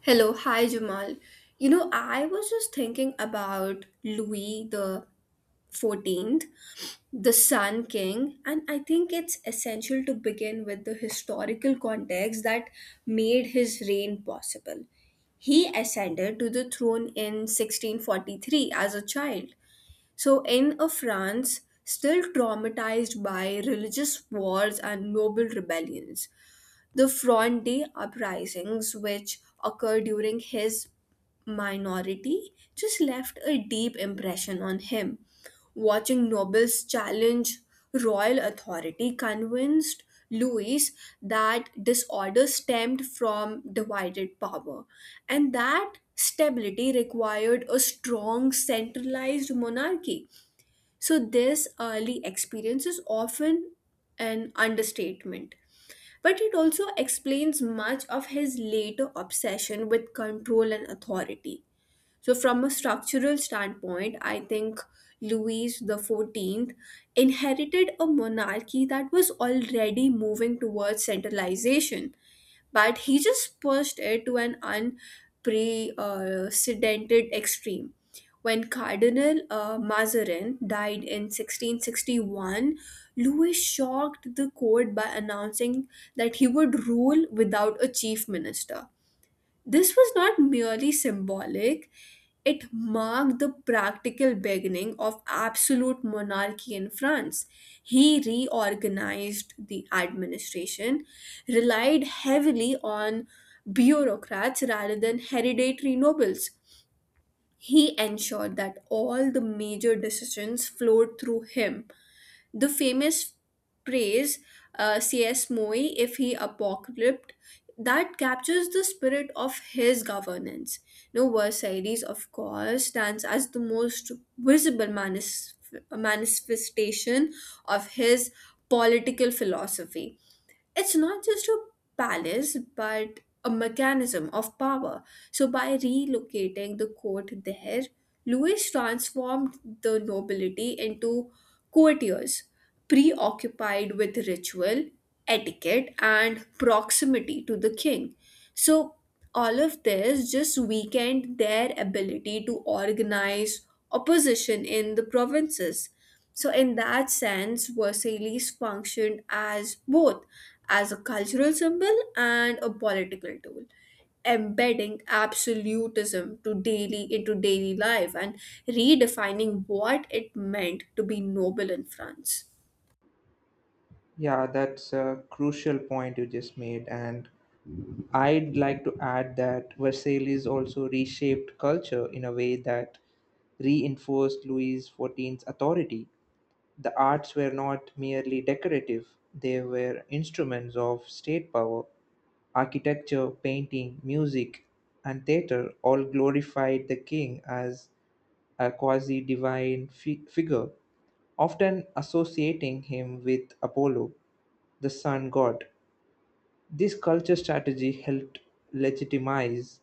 Hello, hi Jamal. I was just thinking about Louis the 14th, the Sun King, and I think it's essential to begin with the historical context that made his reign possible. He ascended to the throne in 1643 as a child. So, in a France still traumatized by religious wars and noble rebellions. The Fronde uprisings, which occurred during his minority, just left a deep impression on him. Watching nobles challenge royal authority convinced Louis that disorder stemmed from divided power, and that stability required a strong centralized monarchy. So, this early experience is often an understatement. But it also explains much of his later obsession with control and authority. So, from a structural standpoint, I think Louis the 14th inherited a monarchy that was already moving towards centralization, but he just pushed it to an unprecedented extreme. When Cardinal Mazarin died in 1661, Louis shocked the court by announcing that he would rule without a chief minister. This was not merely symbolic, it marked the practical beginning of absolute monarchy in France. He reorganized the administration, relied heavily on bureaucrats rather than hereditary nobles. He ensured that all the major decisions flowed through him the famous praise C.S. Moy if he apocalypsed that captures the spirit of his governance. No, Versailles, of course, stands as the most visible manifestation of his political philosophy. It's not just a palace but a mechanism of power. So by relocating the court there, Louis transformed the nobility into courtiers preoccupied with ritual, etiquette, and proximity to the king. So all of this just weakened their ability to organize opposition in the provinces. So, in that sense, Versailles functioned as both as a cultural symbol and a political tool, embedding absolutism to daily into daily life and redefining what it meant to be noble in France. Yeah, that's a crucial point you just made. And I'd like to add that Versailles also reshaped culture in a way that reinforced Louis XIV's authority. The arts were not merely decorative, they were instruments of state power. Architecture, painting, music, and theater all glorified the king as a quasi divine figure, often associating him with Apollo, the sun god. This culture strategy helped legitimize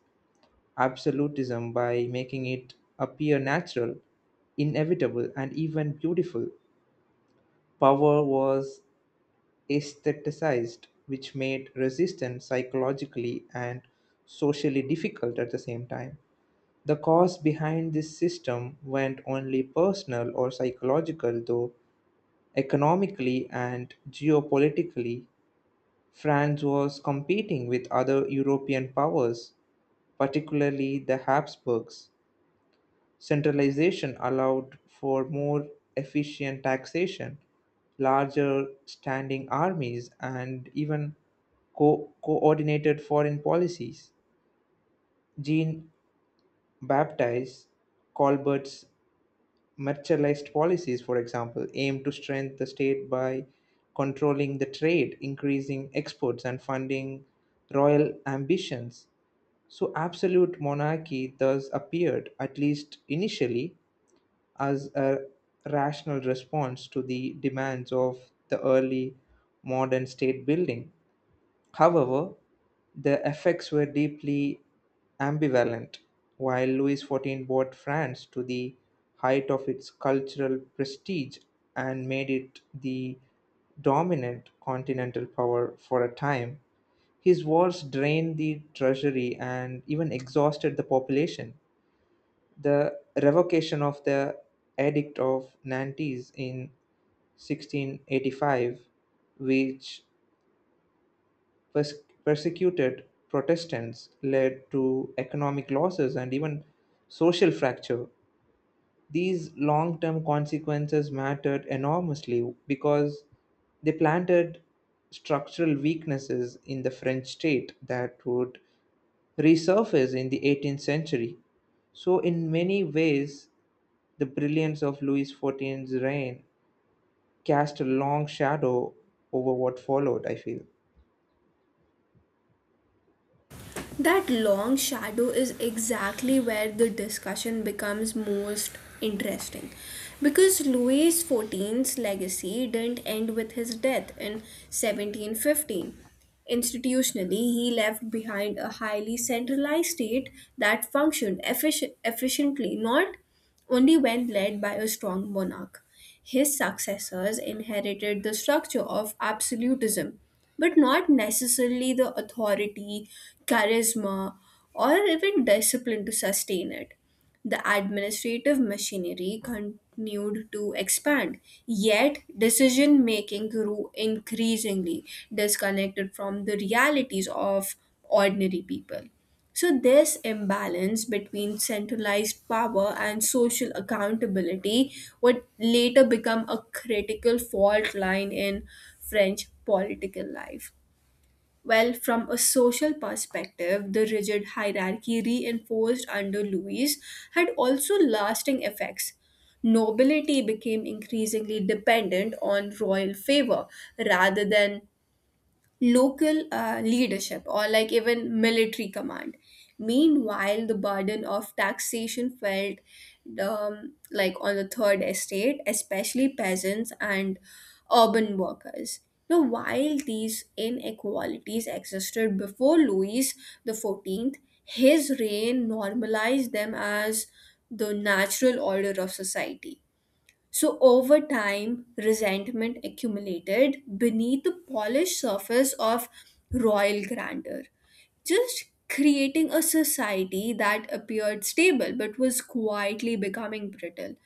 absolutism by making it appear natural, inevitable, and even beautiful. Power was aestheticized, which made resistance psychologically and socially difficult at the same time. The cause behind this system went only personal or psychological, though economically and geopolitically, France was competing with other European powers particularly the Habsburgs. Centralization allowed for more efficient taxation, larger standing armies, and even coordinated foreign policies. Jean Baptiste Colbert's mercantilist policies, for example, aimed to strengthen the state by controlling the trade, increasing exports, and funding royal ambitions. So, absolute monarchy thus appeared, at least initially, as a rational response to the demands of the early modern state building. However, the effects were deeply ambivalent. While Louis XIV brought France to the height of its cultural prestige and made it the dominant continental power for a time, his wars drained the treasury and even exhausted the population. The revocation of the Edict of Nantes in 1685, which Persecuted Protestants, led to economic losses and even social fracture. These long term consequences mattered enormously because they planted structural weaknesses in the French state that would resurface in the 18th century. So, in many ways, the brilliance of Louis XIV's reign cast a long shadow over what followed, I feel. That long shadow is exactly where the discussion becomes most interesting, because Louis XIV's legacy didn't end with his death in 1715. Institutionally, he left behind a highly centralized state that functioned efficiently, not only when led by a strong monarch. His successors inherited the structure of absolutism, but not necessarily the authority, charisma, or even discipline to sustain it. The administrative machinery continued to expand, yet decision making grew increasingly disconnected from the realities of ordinary people. So, this imbalance between centralized power and social accountability would later become a critical fault line in French political life. Well, from a social perspective, the rigid hierarchy reinforced under Louis had also lasting effects. Nobility became increasingly dependent on royal favor rather than local leadership, or like even military command. Meanwhile, the burden of taxation felt like on the third estate, especially peasants and urban workers. Now, while these inequalities existed before Louis the 14th, his reign normalized them as the natural order of society. So, over time, resentment accumulated beneath the polished surface of royal grandeur, just creating a society that appeared stable but was quietly becoming brittle.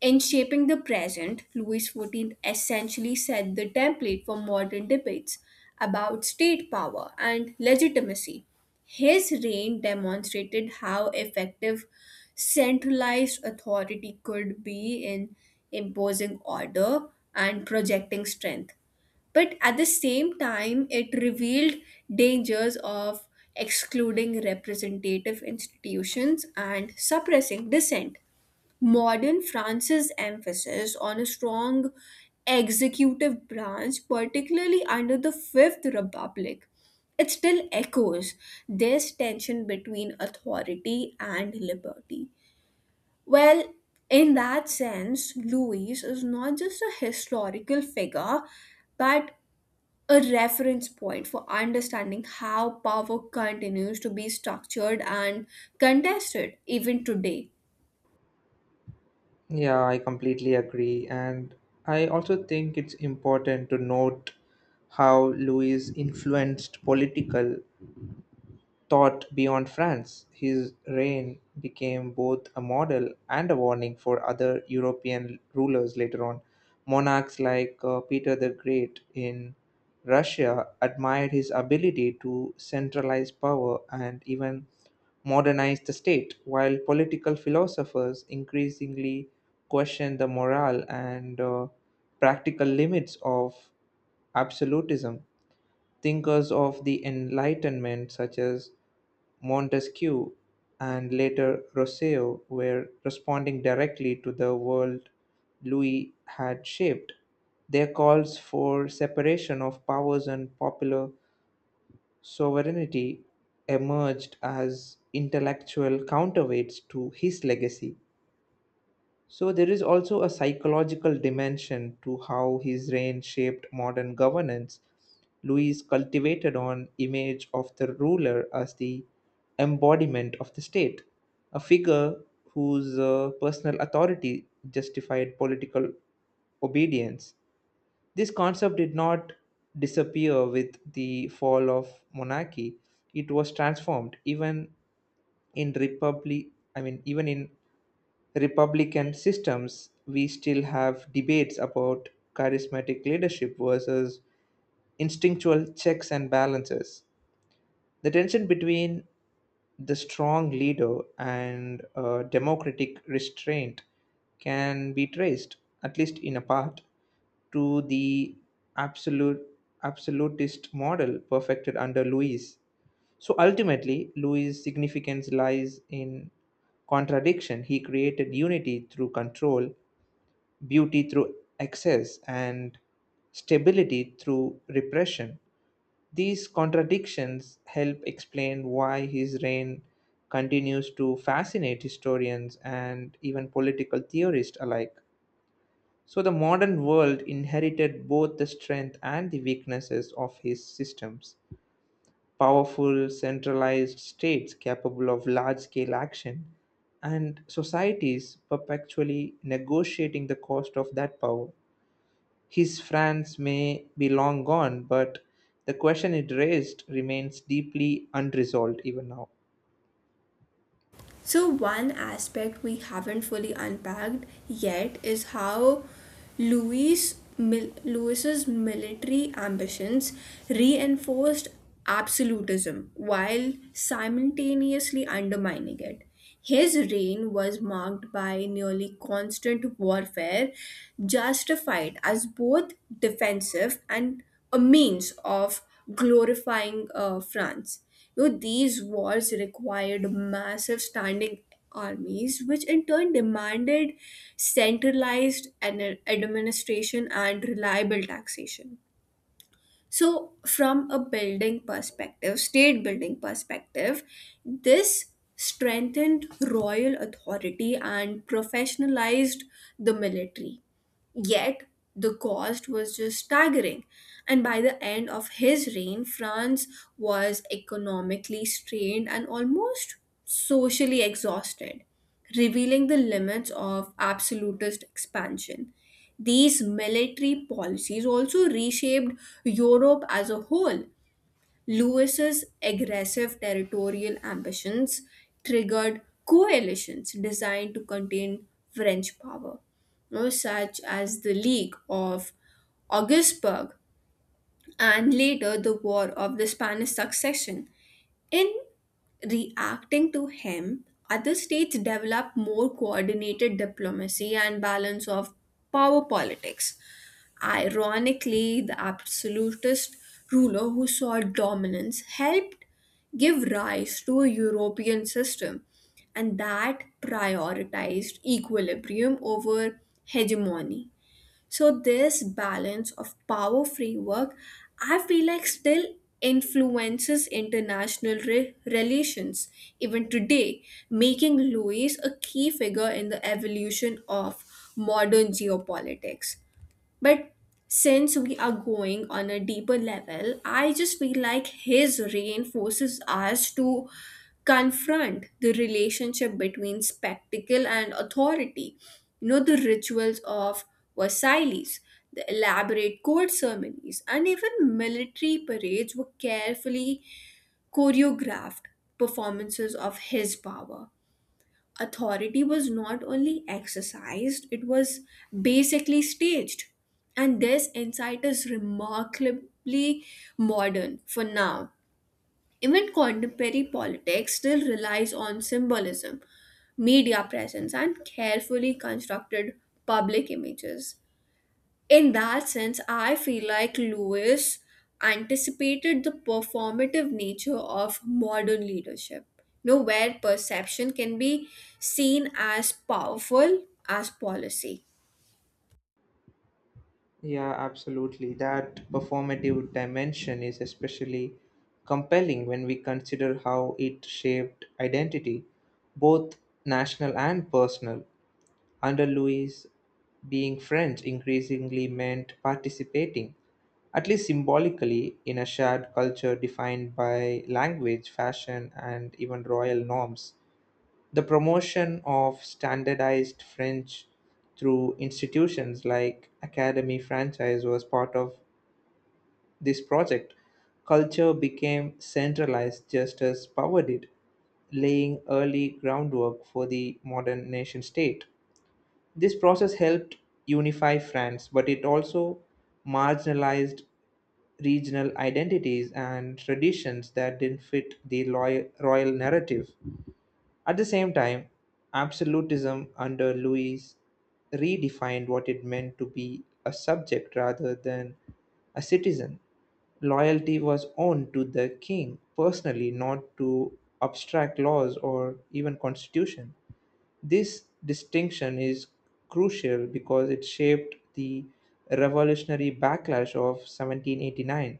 In shaping the present, Louis XIV essentially set the template for modern debates about state power and legitimacy. His reign demonstrated how effective centralized authority could be in imposing order and projecting strength. But at the same time, it revealed dangers of excluding representative institutions and suppressing dissent. Modern France's emphasis on a strong executive branch, particularly under the Fifth Republic, it still echoes this tension between authority and liberty. Well, in that sense, Louis is not just a historical figure, but a reference point for understanding how power continues to be structured and contested even today. Yeah, I completely agree. And I also think it's important to note how Louis influenced political thought beyond France. His reign became both a model and a warning for other European rulers later on. Monarchs like Peter the Great in Russia admired his ability to centralize power and even modernize the state, while political philosophers increasingly questioned the moral and practical limits of absolutism. Thinkers of the Enlightenment, such as Montesquieu and later Rousseau, were responding directly to the world Louis had shaped. Their calls for separation of powers and popular sovereignty emerged as intellectual counterweights to his legacy. So there is also a psychological dimension to how his reign shaped modern governance. Louis cultivated an image of the ruler as the embodiment of the state, a figure whose personal authority justified political obedience. This concept did not disappear with the fall of monarchy. It was transformed even in republic I mean even in republican systems, we still have debates about charismatic leadership versus instinctual checks and balances. The tension between the strong leader and democratic restraint can be traced, at least in a part, to the absolute absolutist model perfected under Louis. So ultimately, Louis' significance lies in contradiction. He created unity through control, beauty through excess, and stability through repression. These contradictions help explain why his reign continues to fascinate historians and even political theorists alike. So, the modern world inherited both the strength and the weaknesses of his systems, powerful, centralized states capable of large scale action, and societies perpetually negotiating the cost of that power. His France may be long gone, but the question it raised remains deeply unresolved even now. So, one aspect we haven't fully unpacked yet is how Louis's military ambitions reinforced absolutism while simultaneously undermining it. His reign was marked by nearly constant warfare, justified as both defensive and a means of glorifying France. These wars required massive standing armies, which in turn demanded centralized administration and reliable taxation. So, from state building perspective, this strengthened royal authority and professionalized the military. Yet, the cost was just staggering, and by the end of his reign, France was economically strained and almost socially exhausted, revealing the limits of absolutist expansion. These military policies also reshaped Europe as a whole. Lewis's aggressive territorial ambitions triggered coalitions designed to contain French power, such as the League of Augsburg and later the War of the Spanish Succession. In reacting to him, other states developed more coordinated diplomacy and balance of power politics. Ironically, the absolutist ruler who sought dominance helped give rise to a European system, and that prioritized equilibrium over hegemony. So, this balance of power framework, I feel like, still influences international relations even today, making Louis a key figure in the evolution of modern geopolitics. But since we are going on a deeper level, I just feel like his reinforces us to confront the relationship between spectacle and authority. The rituals of Versailles, the elaborate court ceremonies, and even military parades were carefully choreographed performances of his power. Authority was not only exercised, it was basically staged. And this insight is remarkably modern for now. Even contemporary politics still relies on symbolism, media presence, and carefully constructed public images. In that sense, I feel like Lewis anticipated the performative nature of modern leadership, where perception can be seen as powerful as policy. Yeah, absolutely. That performative dimension is especially compelling when we consider how it shaped identity, both national and personal. Under Louis, being French increasingly meant participating, at least symbolically, in a shared culture defined by language, fashion, and even royal norms. The promotion of standardized French through institutions like Academy Francaise was part of this project. Culture became centralized just as power did, laying early groundwork for the modern nation state. This process helped unify France, but it also marginalized regional identities and traditions that didn't fit the royal narrative. At the same time, absolutism under Louis redefined what it meant to be a subject rather than a citizen. Loyalty was owed to the king personally, not to abstract laws or even constitution. This distinction is crucial because it shaped the revolutionary backlash of 1789.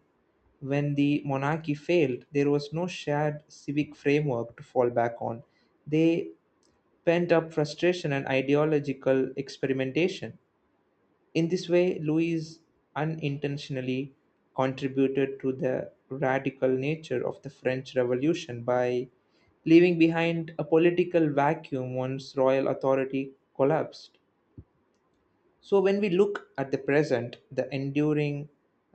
When the monarchy failed, there was no shared civic framework to fall back on. They pent up frustration and ideological experimentation. In this way, Louis unintentionally contributed to the radical nature of the French Revolution by leaving behind a political vacuum once royal authority collapsed. So, when we look at the present, the enduring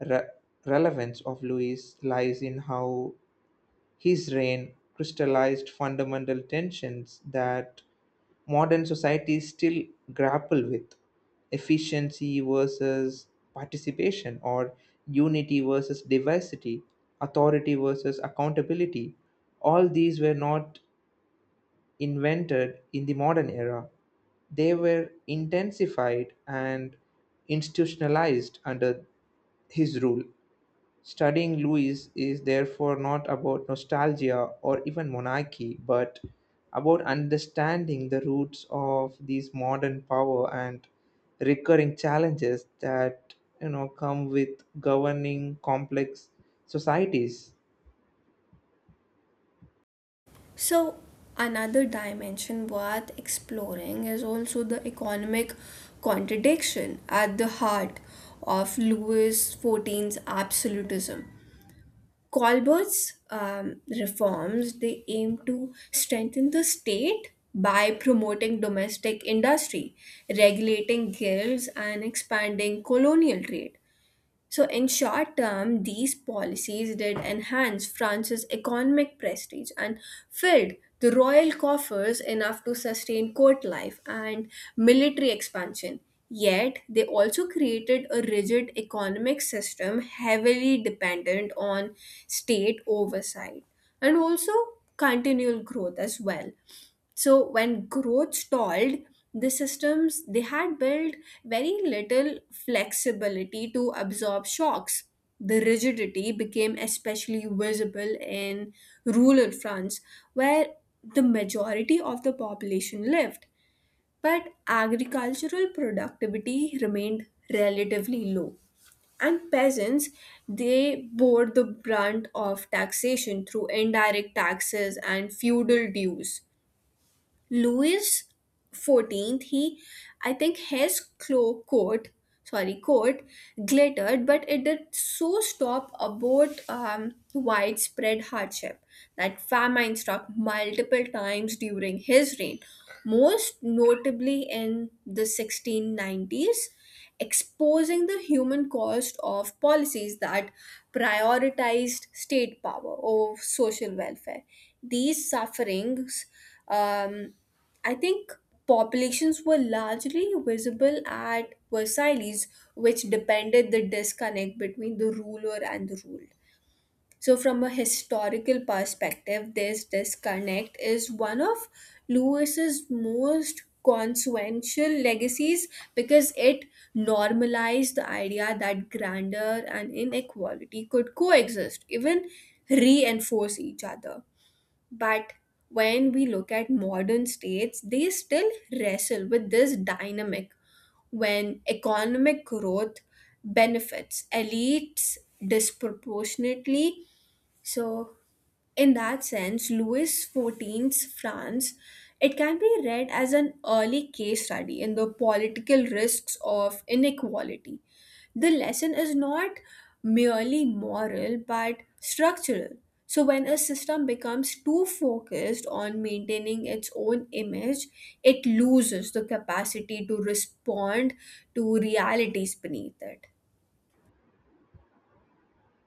re- relevance of Louis lies in how his reign crystallized fundamental tensions that modern societies still grapple with: efficiency versus participation, or unity versus diversity, authority versus accountability. All these were not invented in the modern era, they were intensified and institutionalized under his rule. Studying Louis is therefore not about nostalgia or even monarchy, but about understanding the roots of these modern power and recurring challenges that come with governing complex societies. So, another dimension worth exploring is also the economic contradiction at the heart of Louis XIV's absolutism. Colbert's reforms, they aim to strengthen the state by promoting domestic industry, regulating guilds, and expanding colonial trade. So, in short term, these policies did enhance France's economic prestige and filled the royal coffers enough to sustain court life and military expansion. Yet, they also created a rigid economic system heavily dependent on state oversight, and also continual growth as well. So when growth stalled, the systems they had built very little flexibility to absorb shocks. The rigidity became especially visible in rural France, where the majority of the population lived, but agricultural productivity remained relatively low, and peasants, they bore the brunt of taxation through indirect taxes and feudal dues. Louis XIV, he, I think his coat glittered, but it did so stop about widespread hardship. That famine struck multiple times during his reign, most notably in the 1690s, exposing the human cost of policies that prioritized state power over social welfare. These sufferings, um, I think, populations were largely visible at Versailles, which depended the disconnect between the ruler and the ruled. So, from a historical perspective, this disconnect is one of Lewis's most consequential legacies, because it normalized the idea that grandeur and inequality could coexist, even reinforce each other. But when we look at modern states, they still wrestle with this dynamic when economic growth benefits elites disproportionately. So, in that sense, Louis XIV's France, it can be read as an early case study in the political risks of inequality. The lesson is not merely moral but structural. So, when a system becomes too focused on maintaining its own image, it loses the capacity to respond to realities beneath it.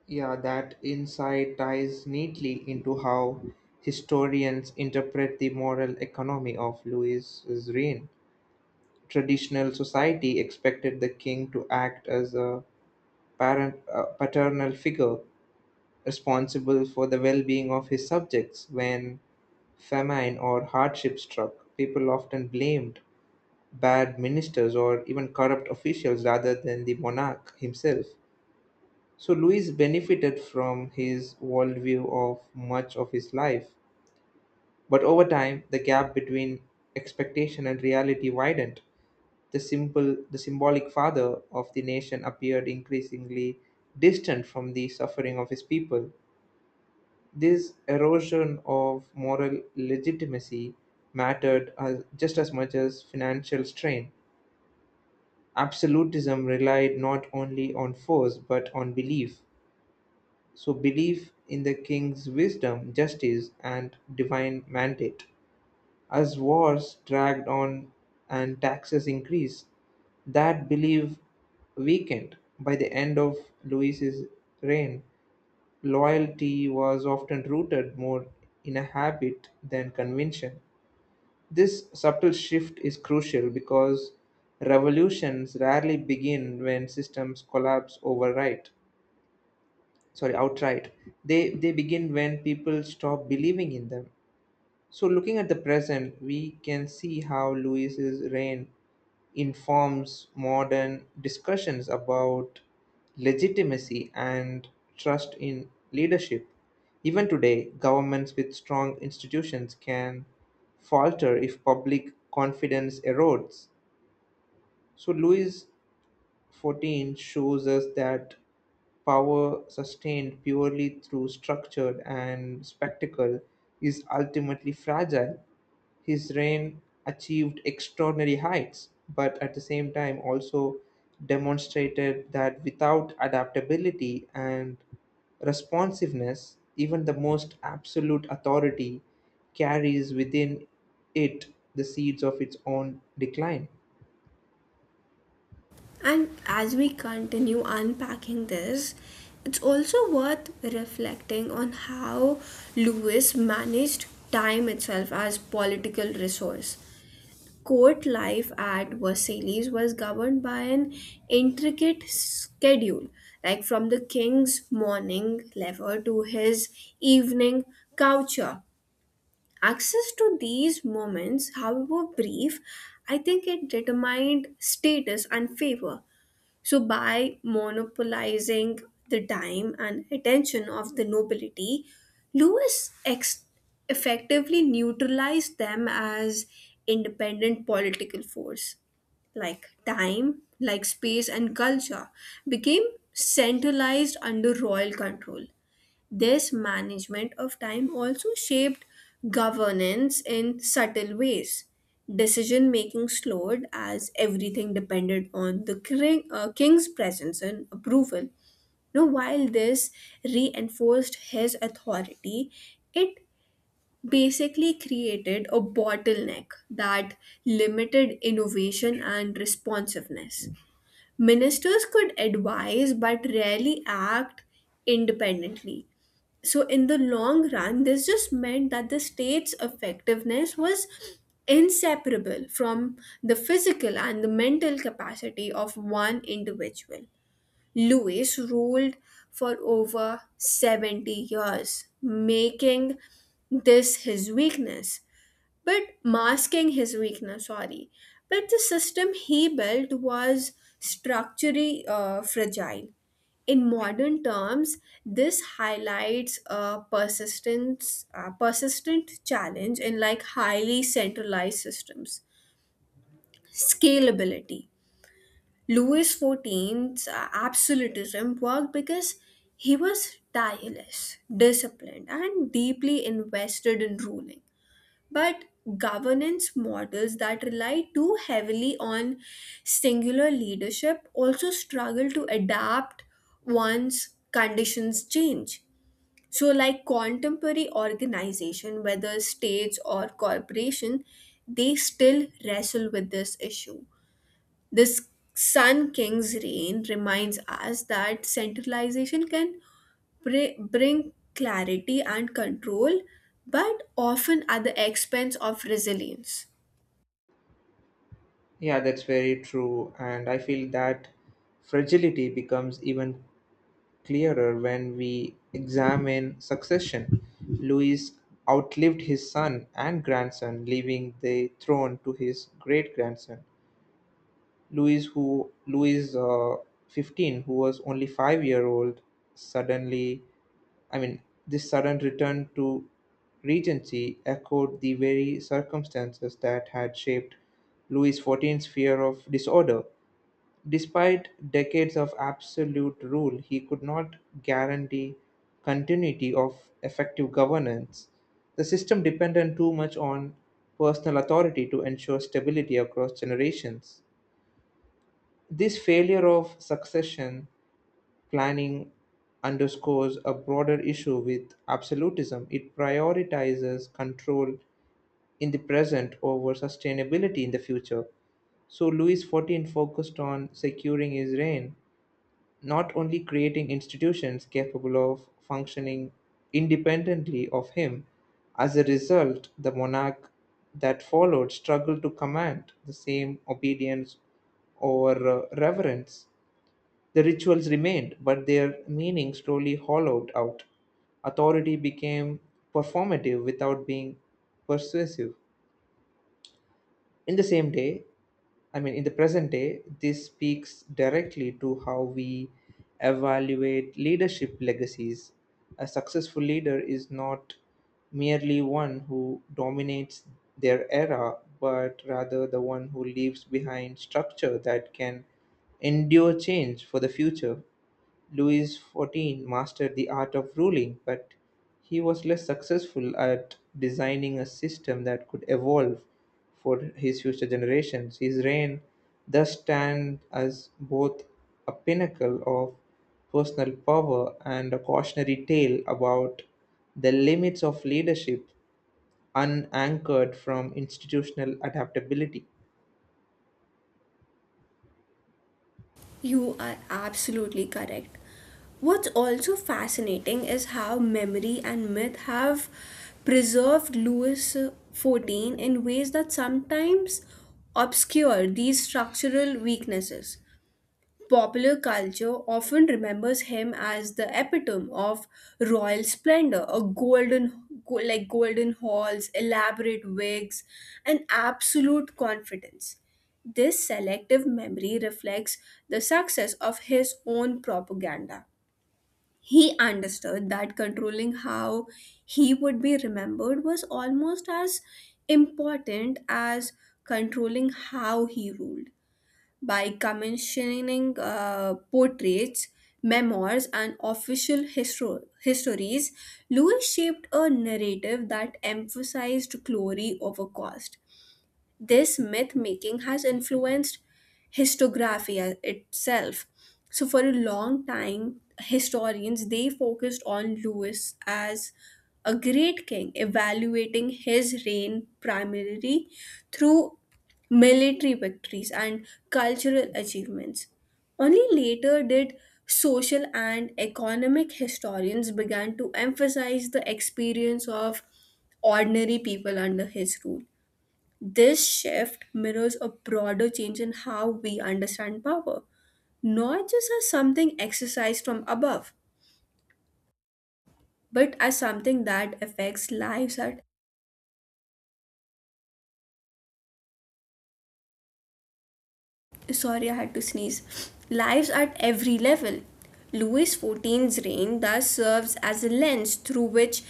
Yeah, that insight ties neatly into how historians interpret the moral economy of Louis's reign. Traditional society expected the king to act as a paternal figure responsible for the well being of his subjects. When famine or hardship struck, people often blamed bad ministers or even corrupt officials rather than the monarch himself. So Louis benefited from his worldview of much of his life. But over time, the gap between expectation and reality widened. The symbolic father of the nation appeared increasingly distant from the suffering of his people. This erosion of moral legitimacy mattered as, just as much as financial strain. Absolutism relied not only on force but on belief. So, belief in the king's wisdom, justice, and divine mandate. As wars dragged on and taxes increased, that belief weakened. By the end of Louis's reign, loyalty was often rooted more in a habit than convention. This subtle shift is crucial because revolutions rarely begin when systems collapse overnight. Sorry, outright. They begin when people stop believing in them. So looking at the present, we can see how Louis's reign informs modern discussions about legitimacy and trust in leadership. Even today, governments with strong institutions can falter if public confidence erodes. So, Louis XIV shows us that power sustained purely through structure and spectacle is ultimately fragile. His reign achieved extraordinary heights, but at the same time also demonstrated that without adaptability and responsiveness, even the most absolute authority carries within it the seeds of its own decline. And as we continue unpacking this, it's also worth reflecting on how Lewis managed time itself as political resource. Court life at Versailles was governed by an intricate schedule, like from the king's morning lever to his evening coucher. Access to these moments, however brief, I think it determined status and favor. So, by monopolizing the time and attention of the nobility, Lewis effectively neutralized them as independent political force. Like time, like space, and culture became centralized under royal control. This management of time also shaped governance in subtle ways. Decision making slowed as everything depended on the king's presence and approval. Now, while this reinforced his authority, it basically created a bottleneck that limited innovation and responsiveness. Ministers could advise but rarely act independently. So in the long run this just meant that the state's effectiveness was inseparable from the physical and the mental capacity of one individual. Louis ruled for over 70 years, making this his weakness, but masking his weakness, sorry, but the system he built was structurally fragile. In modern terms, this highlights a persistent challenge in like highly centralized systems. Scalability. Louis XIV's absolutism worked because he was tireless, disciplined, and deeply invested in ruling. But governance models that rely too heavily on singular leadership also struggle to adapt once conditions change. So, like contemporary organization, whether states or corporation, they still wrestle with this issue. This Sun King's reign reminds us that centralization can bring clarity and control, but often at the expense of resilience. Yeah, that's very true. And I feel that fragility becomes even clearer when we examine succession. Louis outlived his son and grandson, leaving the throne to his great grandson. Louis 15, who was only 5 year old, suddenly, I mean, this sudden return to regency echoed the very circumstances that had shaped Louis XIV's fear of disorder. Despite decades of absolute rule, he could not guarantee continuity of effective governance. The system depended too much on personal authority to ensure stability across generations. This failure of succession planning underscores a broader issue with absolutism. It prioritizes control in the present over sustainability in the future. So Louis XIV focused on securing his reign not only creating institutions capable of functioning independently of him. As a result, the monarch that followed struggled to command the same obedience or reverence. The rituals remained, but their meaning slowly hollowed out. Authority became performative without being persuasive. In the same day, in the present day, this speaks directly to how we evaluate leadership legacies. A successful leader is not merely one who dominates their era, but rather the one who leaves behind structure that can endure change for the future. Louis XIV mastered the art of ruling, but he was less successful at designing a system that could evolve for his future generations. His reign thus stands as both a pinnacle of personal power and a cautionary tale about the limits of leadership unanchored from institutional adaptability. You are absolutely correct. What's also fascinating is how memory and myth have preserved Louis XIV in ways that sometimes obscure these structural weaknesses. Popular culture often remembers him as the epitome of royal splendor, like golden halls, elaborate wigs, and absolute confidence. This selective memory reflects the success of his own propaganda. He understood that controlling how he would be remembered was almost as important as controlling how he ruled, by commissioning portraits, memoirs, and official histories. Louis shaped a narrative that emphasized glory over cost. This myth making has influenced historiography itself. So for a long time, historians they focused on Louis as a great king, evaluating his reign primarily through military victories and cultural achievements. Only later did social and economic historians began to emphasize the experience of ordinary people under his rule. This shift mirrors a broader change in how we understand power, not just as something exercised from above, but as something that affects lives at, sorry, I had to sneeze. Lives at every level. Louis XIV's reign thus serves as a lens through which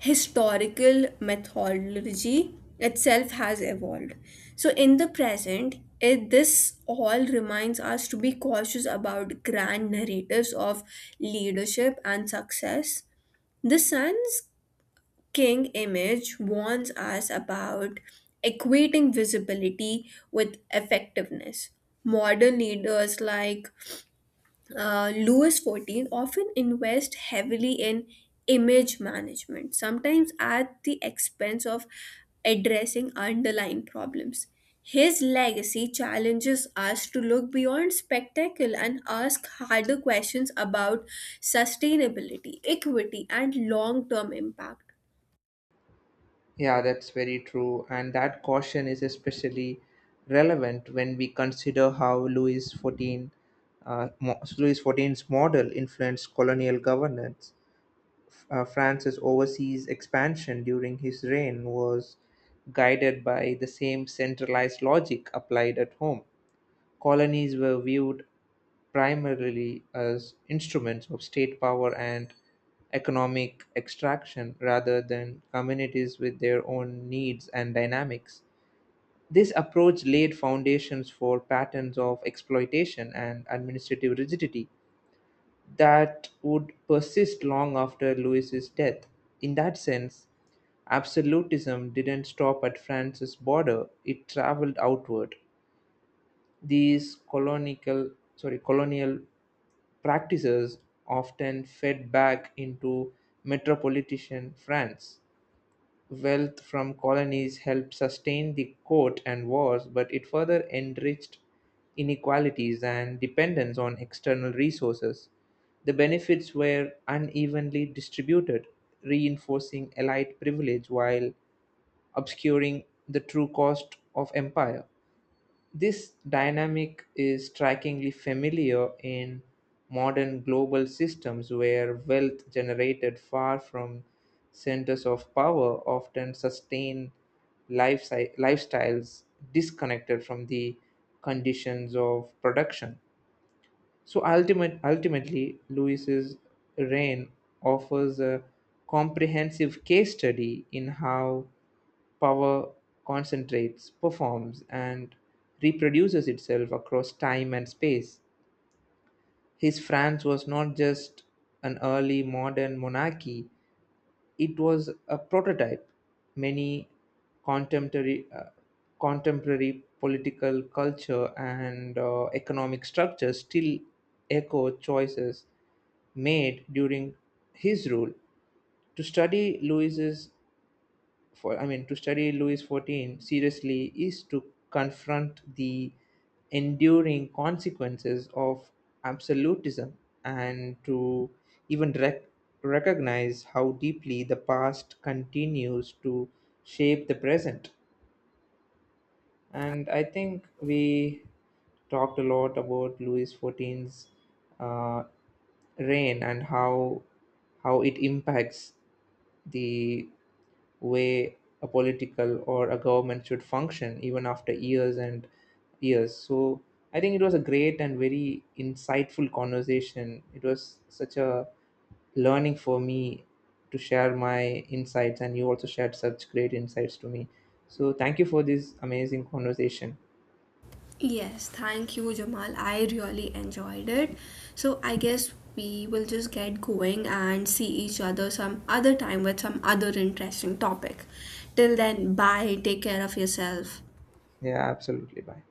historical methodology itself has evolved. So, in the present, this all reminds us to be cautious about grand narratives of leadership and success. The sun's King image warns us about equating visibility with effectiveness. Modern leaders like Louis XIV often invest heavily in image management, sometimes at the expense of addressing underlying problems. His legacy challenges us to look beyond spectacle and ask harder questions about sustainability, equity, and long term impact. Yeah, that's very true. And that caution is especially relevant when we consider how Louis XIV's model influenced colonial governance. France's overseas expansion during his reign was guided by the same centralized logic applied at home. Colonies were viewed primarily as instruments of state power and economic extraction rather than communities with their own needs and dynamics. This approach laid foundations for patterns of exploitation and administrative rigidity that would persist long after Louis's death. In that sense, absolutism didn't stop at France's border, it traveled outward. These colonial practices often fed back into metropolitan France. Wealth from colonies helped sustain the court and wars, but it further enriched inequalities and dependence on external resources. The benefits were unevenly distributed, reinforcing elite privilege while obscuring the true cost of empire. This dynamic is strikingly familiar in modern global systems where wealth generated far from centers of power often sustain lifestyles disconnected from the conditions of production. So ultimately, Lewis's reign offers a comprehensive case study in how power concentrates, performs, and reproduces itself across time and space. His France was not just an early modern monarchy, it was a prototype. Many contemporary, uh, contemporary political culture and economic structures still echo choices made during his rule. To study Louis XIV seriously is to confront the enduring consequences of absolutism and to even rec- recognize how deeply the past continues to shape the present. And I think we talked a lot about Louis XIV's uh, reign and how it impacts the way a political or a government should function even after years and years. So I think it was a great and very insightful conversation. It was such a learning for me to share my insights, and you also shared such great insights to me. So thank you for this amazing conversation. Yes, thank you, Jamal. I really enjoyed it. So I guess we will just get going and see each other some other time with some other interesting topic. Till then, bye. Take care of yourself. Yeah, absolutely. Bye.